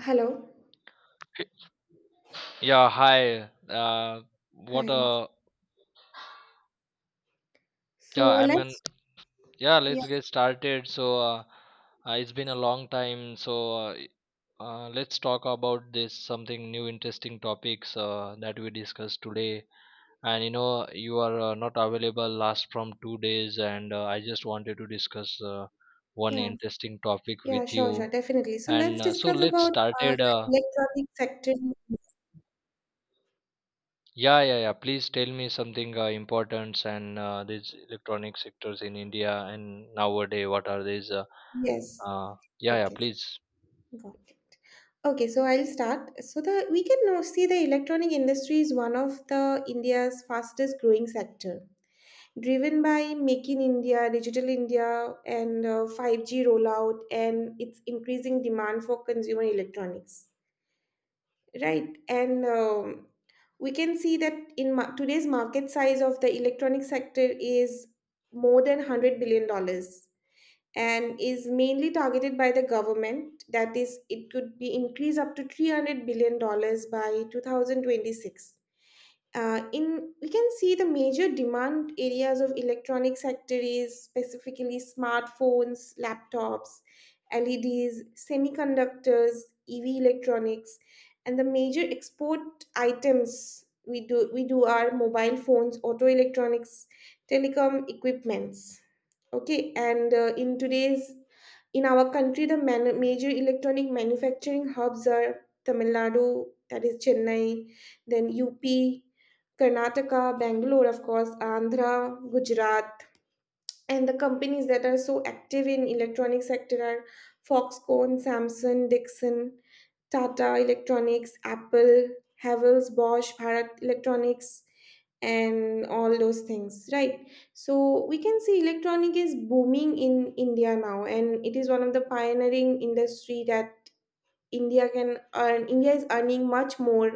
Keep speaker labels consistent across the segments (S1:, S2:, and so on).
S1: Hello.
S2: Yeah, hi. Uh, what
S1: Hi.
S2: a yeah.
S1: So
S2: I mean,
S1: let's,
S2: yeah.
S1: yeah,
S2: Let's get started. It's been a long time. Let's talk about this something new, interesting topics that we discussed today. And you know, you are not available last from 2 days, and I just wanted to discuss one
S1: yeah,
S2: interesting topic with
S1: yeah, sure,
S2: you.
S1: sure, Definitely. So
S2: And
S1: let's
S2: so
S1: discuss
S2: let's
S1: about
S2: started. Uh,
S1: the electronic sector.
S2: Yeah, yeah, yeah. Please tell me something important and these electronic sectors in India and nowadays, what are these?
S1: Yes.
S2: Yeah, yeah,
S1: Okay.
S2: please.
S1: Got it. Okay, so I'll start. So the we can now see the electronic industry is one of the India's fastest growing sector, driven by Make in India, Digital India, and 5G rollout, and its increasing demand for consumer electronics. Right. And We can see that today's market size of the electronic sector is more than $100 billion dollars and is mainly targeted by the government. That is, it could be increased up to $300 billion dollars by 2026. In We can see the major demand areas of electronic sector is specifically smartphones, laptops, leds, semiconductors, ev electronics, and the major export items we do are mobile phones, auto electronics, telecom equipments. Okay, and in today's in our country, the major electronic manufacturing hubs are Tamil Nadu, that is Chennai, then UP, Karnataka, Bangalore, of course, Andhra, Gujarat, and the companies that are so active in electronic sector are Foxconn, Samsung, Dixon, Tata Electronics, Apple, Havels, Bosch, Bharat Electronics, and all those things, right? So we can see electronic is booming in India now, and it is one of the pioneering industry that India can earn. India is earning much more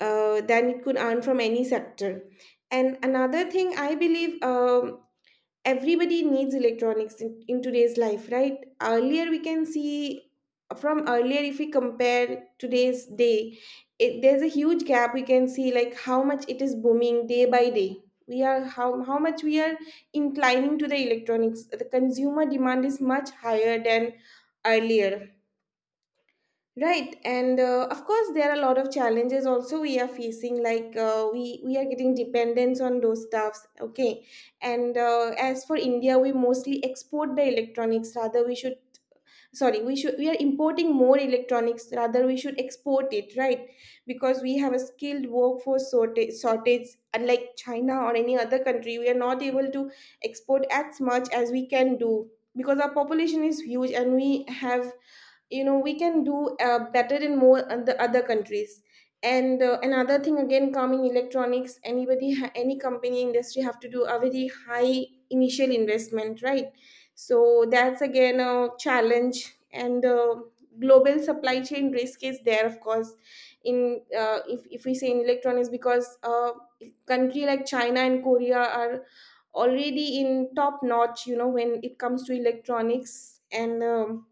S1: than it could earn from any sector. And another thing I believe Everybody needs electronics in today's life, right? Earlier we can see, from earlier if we compare today's day, it, there's a huge gap we can see, like how much it is booming day by day. We are, how much we are inclining to the electronics, the consumer demand is much higher than earlier. Right, and of course, there are a lot of challenges also we are facing. Like we are getting dependence on those stuffs. Okay, and as for India, we mostly export the electronics. Rather, we should, sorry, we should, we are importing more electronics. Rather, we should export it, right? Because we have a skilled workforce shortage. Unlike China or any other country, we are not able to export as much as we can do because our population is huge and we have, you know, we can do better in more and the other countries. And another thing, again coming electronics, anybody any company industry have to do a very high initial investment, right? So that's again a challenge. And global supply chain risk is there of course in if we say in electronics, because country like china and korea are already in top notch, you know, when it comes to electronics. and um,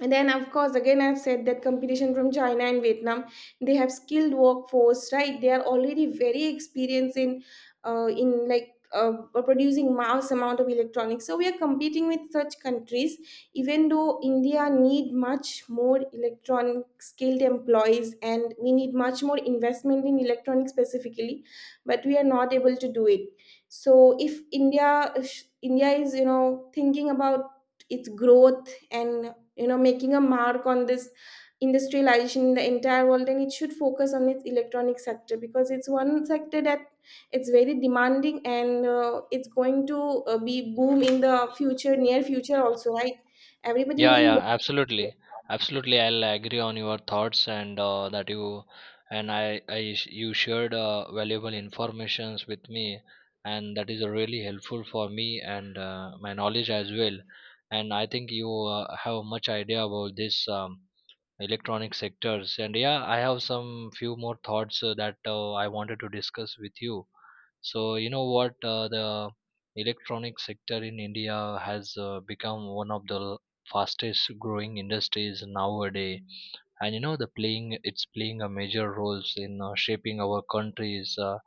S1: and then of course, again, I've said that competition from china and vietnam, they have skilled workforce, right? They are already very experienced in producing mass amount of electronics, so we are competing with such countries. Even though india need much more electronic skilled employees and we need much more investment in electronics specifically, but we are not able to do it. So if india is, you know, thinking about its growth, and, you know, making a mark on this industrialization in the entire world, and it should focus on its electronic sector because it's one sector that it's very demanding and it's going to be boom in the future, near future also, right? Everybody
S2: Yeah,
S1: needs.
S2: yeah, absolutely. Absolutely, I'll agree on your thoughts and that you and I you shared valuable informations with me and that is really helpful for me and my knowledge as well. And I think you have much idea about this. Electronic sectors and yeah, I have some few more thoughts that I wanted to discuss with you. So you know what, the electronic sector in India has become one of the fastest growing industries nowadays. And you know, the playing a major roles in shaping our countries,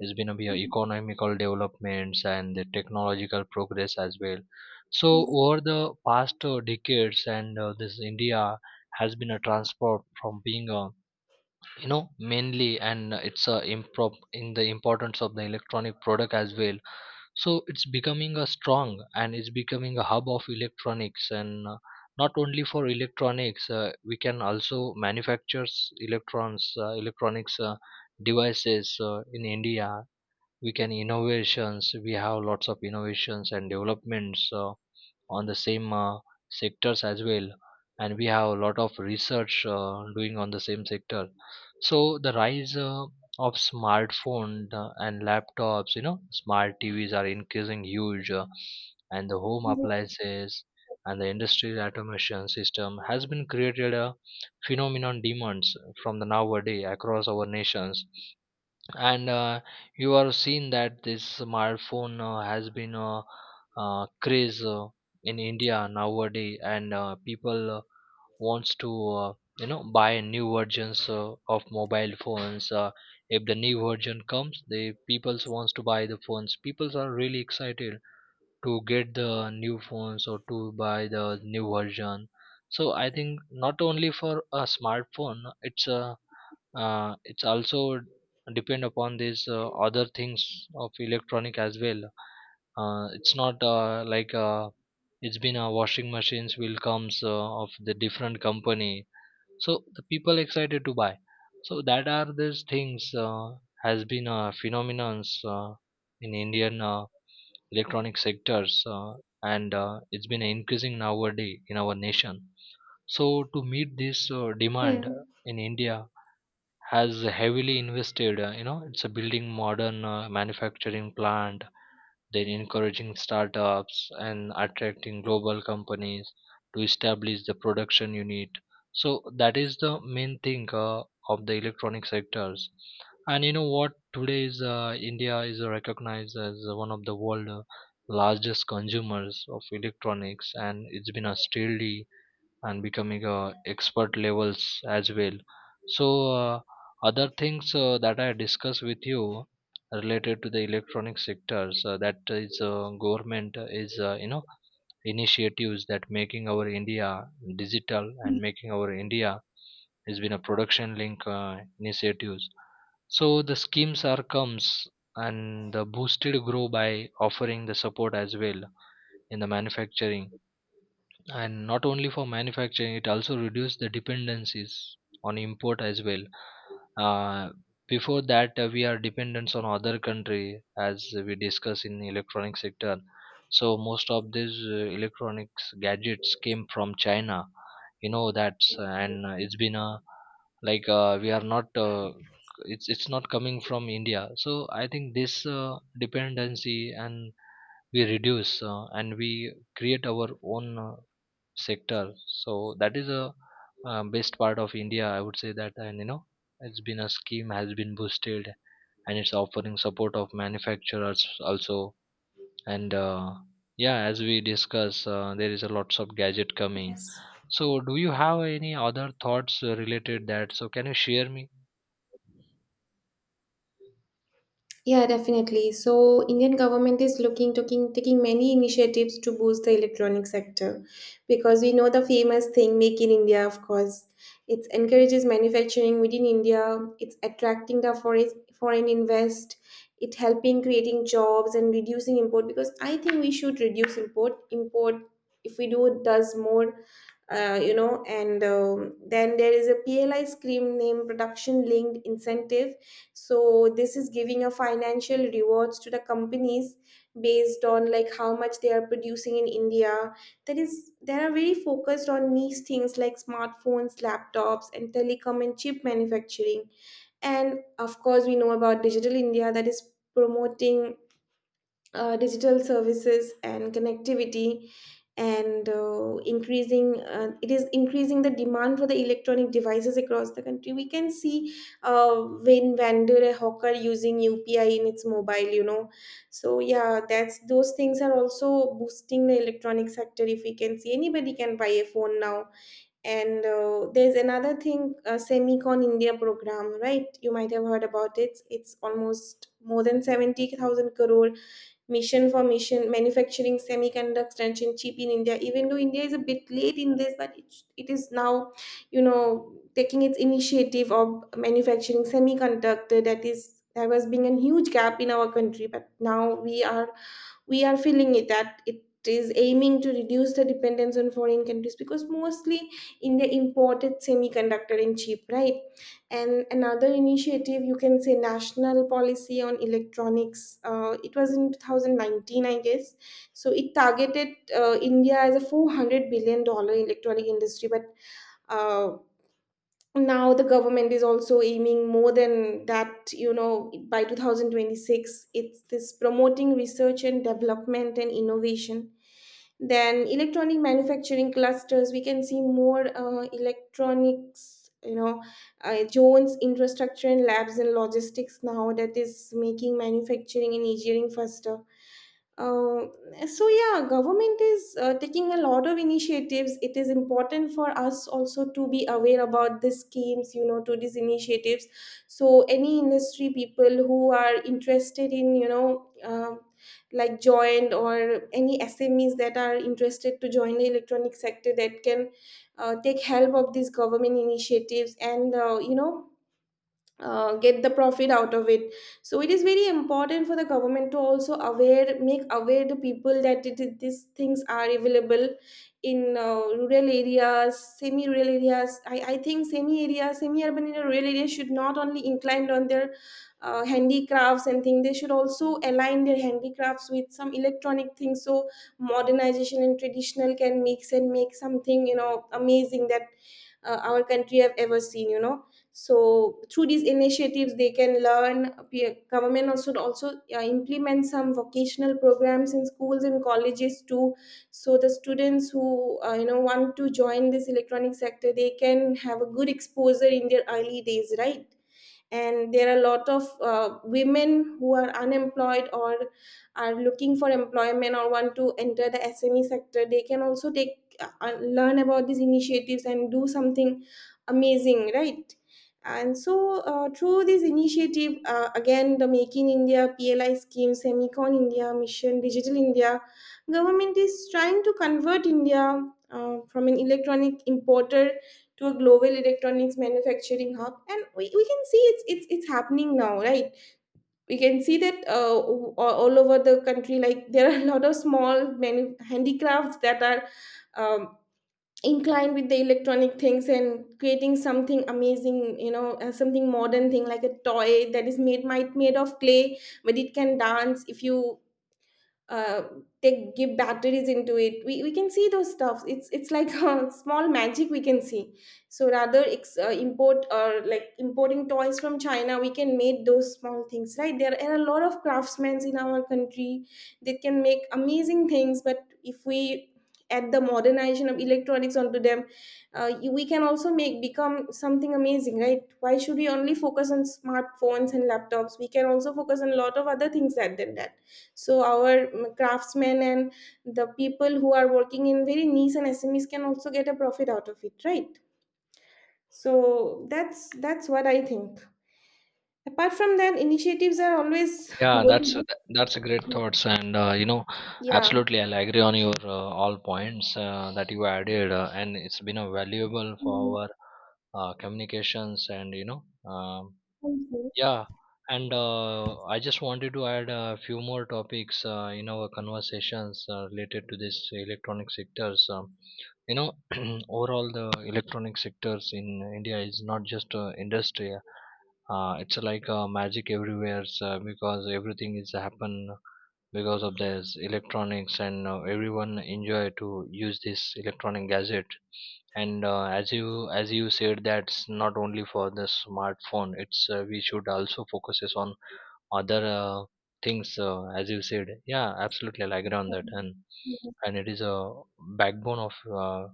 S2: is going to be economical developments and the technological progress as well. So
S1: Hmm.
S2: over the past decades, and this India has been a transport from being a, you know, mainly, and it's a improp in the importance of the electronic product as well. So it's becoming a strong and it's becoming a hub of electronics, and not only for electronics, we can also manufactures electrons electronics devices in India. We can innovations, we have lots of innovations and developments on the same sectors as well, and we have a lot of research doing on the same sector. So the rise of smartphone and laptops, you know, smart tvs are increasing huge, and the home appliances and the industrial automation system has been created a phenomenon demands from the nowadays across our nations. And you have seen that this smartphone has been a craze in India nowadays, and people wants to, you know, buy new versions of mobile phones. If the new version comes, the people wants to buy the phones. People are really excited to get the new phones or to buy the new version. So I think not only for a smartphone, it's a, it's also depend upon these other things of electronic as well. It's not like, it's been a washing machines will comes of the different company, so the people excited to buy. So that are these things has been a phenomenon in Indian electronic sectors, and it's been increasing nowadays in our nation. So to meet this demand
S1: Hmm.
S2: in India has heavily invested, you know, it's a building modern manufacturing plant, then encouraging startups and attracting global companies to establish the production unit. So that is the main thing of the electronic sectors. And you know what, today is, India is recognized as one of the world's largest consumers of electronics, and it's been a steadily and becoming expert levels as well. So uh, other things that I discuss with you related to the electronic sectors, that is, government is, you know, initiatives that making our India digital and making our India has been a production link initiatives. So the schemes are comes and the boosted grow by offering the support as well in the manufacturing. And not only for manufacturing, it also reduced the dependencies on import as well. uh, Before that, we are dependent on other country as we discuss in electronic sector. So most of these electronics gadgets came from China, you know that's. And it's been a like, we are not it's not coming from India. So I think this dependency and we reduce and we create our own sector. So that is a best part of India, I would say that. And you know, it's been a scheme has been boosted, and it's offering support of manufacturers also. And Yeah, as we discuss, there is a lots of gadget coming.
S1: Yes.
S2: So do you have any other thoughts related that? So can you share me?
S1: Yeah, definitely. So, Indian government is looking, taking many initiatives to boost the electronic sector because we know the famous thing Make in India, of course. It encourages manufacturing within India. It's attracting the foreign invest. It helping creating jobs and reducing import because I think we should reduce import. Import if we do does more you know and then there is a pli scheme named production linked incentive. So this is giving a financial rewards to the companies based on, like, how much they are producing in india. That is, they are very focused on niche things like smartphones, laptops, and telecom and chip manufacturing. And of course we know about digital india, that is promoting digital services and connectivity, and increasing it is increasing the demand for the electronic devices across the country, we can see, uh, when vendor a hawker using upi in its mobile, you know. So yeah, that's, those things are also boosting the electronic sector if we can see, anybody can buy a phone now. And there's another thing, semicon india program, right? You might have heard about it. It's almost more than 70,000 crore mission for mission manufacturing semiconductors and chip in india. Even though india is a bit late in this, but it is now, you know, taking its initiative of manufacturing semiconductor, that is, that was being a huge gap in our country, but now we are feeling it that it is aiming to reduce the dependence on foreign countries because mostly india imported semiconductor and chip, right? And another initiative you can say national policy on electronics, it was in 2019 I guess. So it targeted india as a 400 billion dollar electronic industry, but uh, now the government is also aiming more than that, you know, by 2026. It's this promoting research and development and innovation, then electronic manufacturing clusters, we can see more electronics, you know, jones infrastructure and labs and logistics now, that is making manufacturing and engineering faster. uh, so yeah, government is taking a lot of initiatives. It is important for us also to be aware about these schemes, you know, to these initiatives. So any industry people who are interested in, you know, like joined or any SMEs that are interested to join the electronic sector, that can take help of these government initiatives and, get the profit out of it. So it is very important for the government to also aware, make aware the people that these things are available in rural areas, semi rural areas. I think semi area, semi urban and rural areas should not only inclined on their handicrafts and things, they should also align their handicrafts with some electronic things, so modernization and traditional can mix and make something, you know, amazing that our country have ever seen, you know. So through these initiatives they can learn. Government also also implement some vocational programs in schools and colleges too, so the students who you know, want to join this electronic sector, they can have a good exposure in their early days, right? And there are a lot of women who are unemployed or are looking for employment or want to enter the sme sector, they can also take learn about these initiatives and do something amazing, right? And so through this initiative, again the make in india, pli scheme, semicon india mission, digital india, government is trying to convert india from an electronic importer to a global electronics manufacturing hub, and we can see it's, it's happening now, right? We can see that all all over the country, like there are a lot of small handicrafts that are um, inclined with the electronic things and creating something amazing, you know, something modern thing like a toy that is made, might made of clay, but it can dance if you uh, they give batteries into it. We can see those stuff, it's like a small magic we can see. So rather import or like importing toys from china, we can make those small things, right? There are a lot of craftsmen in our country that can make amazing things, but if we add the modernization of electronics onto them, we can also make, become something amazing, right? Why should we only focus on smartphones and laptops? We can also focus on a lot of other things other than that. So our craftsmen and the people who are working in very niche and smes can also get a profit out of it, right? So that's what I think. Apart from that, initiatives are always
S2: Yeah, that's a-
S1: going
S2: that's a great
S1: on.
S2: thoughts, and you know,
S1: Yeah.
S2: absolutely, I'll agree on your all points that you added, and it's been a valuable for
S1: Mm,
S2: our communications, and you know, um,
S1: thank you.
S2: yeah, and I just wanted to add a few more topics in our conversations related to this electronic sectors. You know, overall the electronic sectors in India is not just a industry, it's like a magic everywhere, because everything is happen because of this electronics. And everyone enjoy to use this electronic gadget. And as you said, that's not only for the smartphone, it's, we should also focuses on other things, as you said. Yeah, absolutely, I agree on that. And it is a backbone of uh,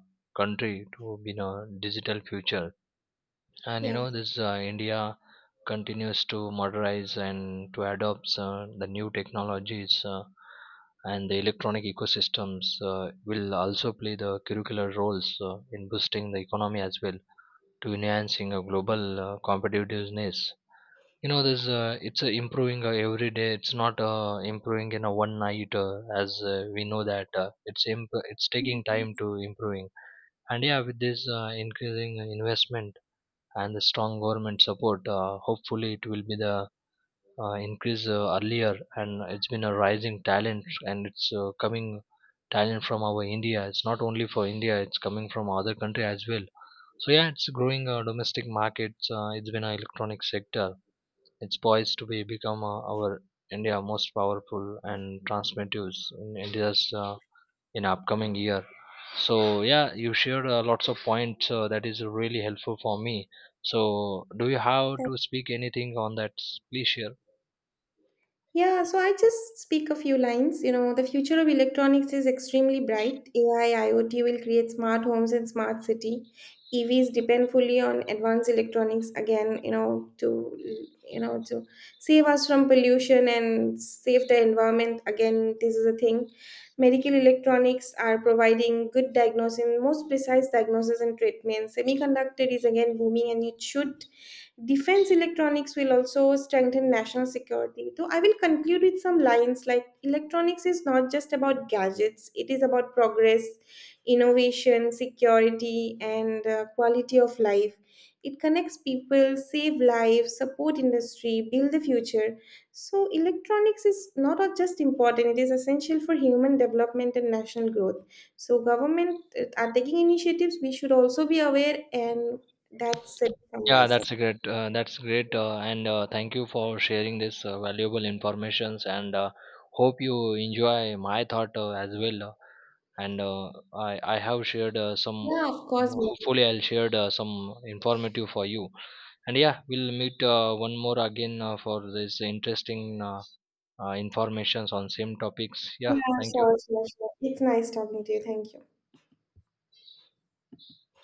S2: country to be in a digital future. And you know, this India continues to modernize and to adopt the new technologies, and the electronic ecosystems will also play the curricular roles in boosting the economy as well, to enhancing a global competitiveness. You know, there's it's improving every day. It's not improving in a one night, as we know that, it's taking time
S1: Yeah.
S2: to improving. And yeah, with this increasing investment and the strong government support, hopefully it will be the increase earlier, and it's been a rising talent, and it's coming talent from our India. It's not only for India, it's coming from other country as well. So yeah, it's growing domestic markets, it's been an electronic sector. It's poised to be become our India most powerful and transmissives in India's in upcoming year. So yeah, you shared lots of points that is really helpful for me. So do you have to speak anything on that? Please share.
S1: Yeah, so I just speak a few lines. You know, the future of electronics is extremely bright. AI, IoT will create smart homes and smart city. EVs depend fully on advanced electronics, again, you know, to, you know, to save us from pollution and save the environment. Again, this is a thing. Medical electronics are providing good diagnosis, most precise diagnosis and treatment. Semiconductor is again booming and it should, defense electronics will also strengthen national security. So I will conclude with some lines like electronics is not just about gadgets, it is about progress, innovation, security, and quality of life. It connects people, save lives, support industry, build the future. So electronics is not just important, it is essential for human development and national growth. So government are taking initiatives, we should also be aware, and that's it from my
S2: Yeah,
S1: side.
S2: that's a great. That's great, and thank you for sharing this valuable informations. And hope you enjoy my thought as well. And I I have shared some.
S1: Yeah, of course.
S2: Hopefully, I'll shared some informative for you. And yeah, we'll meet one more again for this interesting informations on same topics.
S1: Yeah,
S2: Yeah, thank you.
S1: sure, sure, sure. It's nice talking to you. Thank you.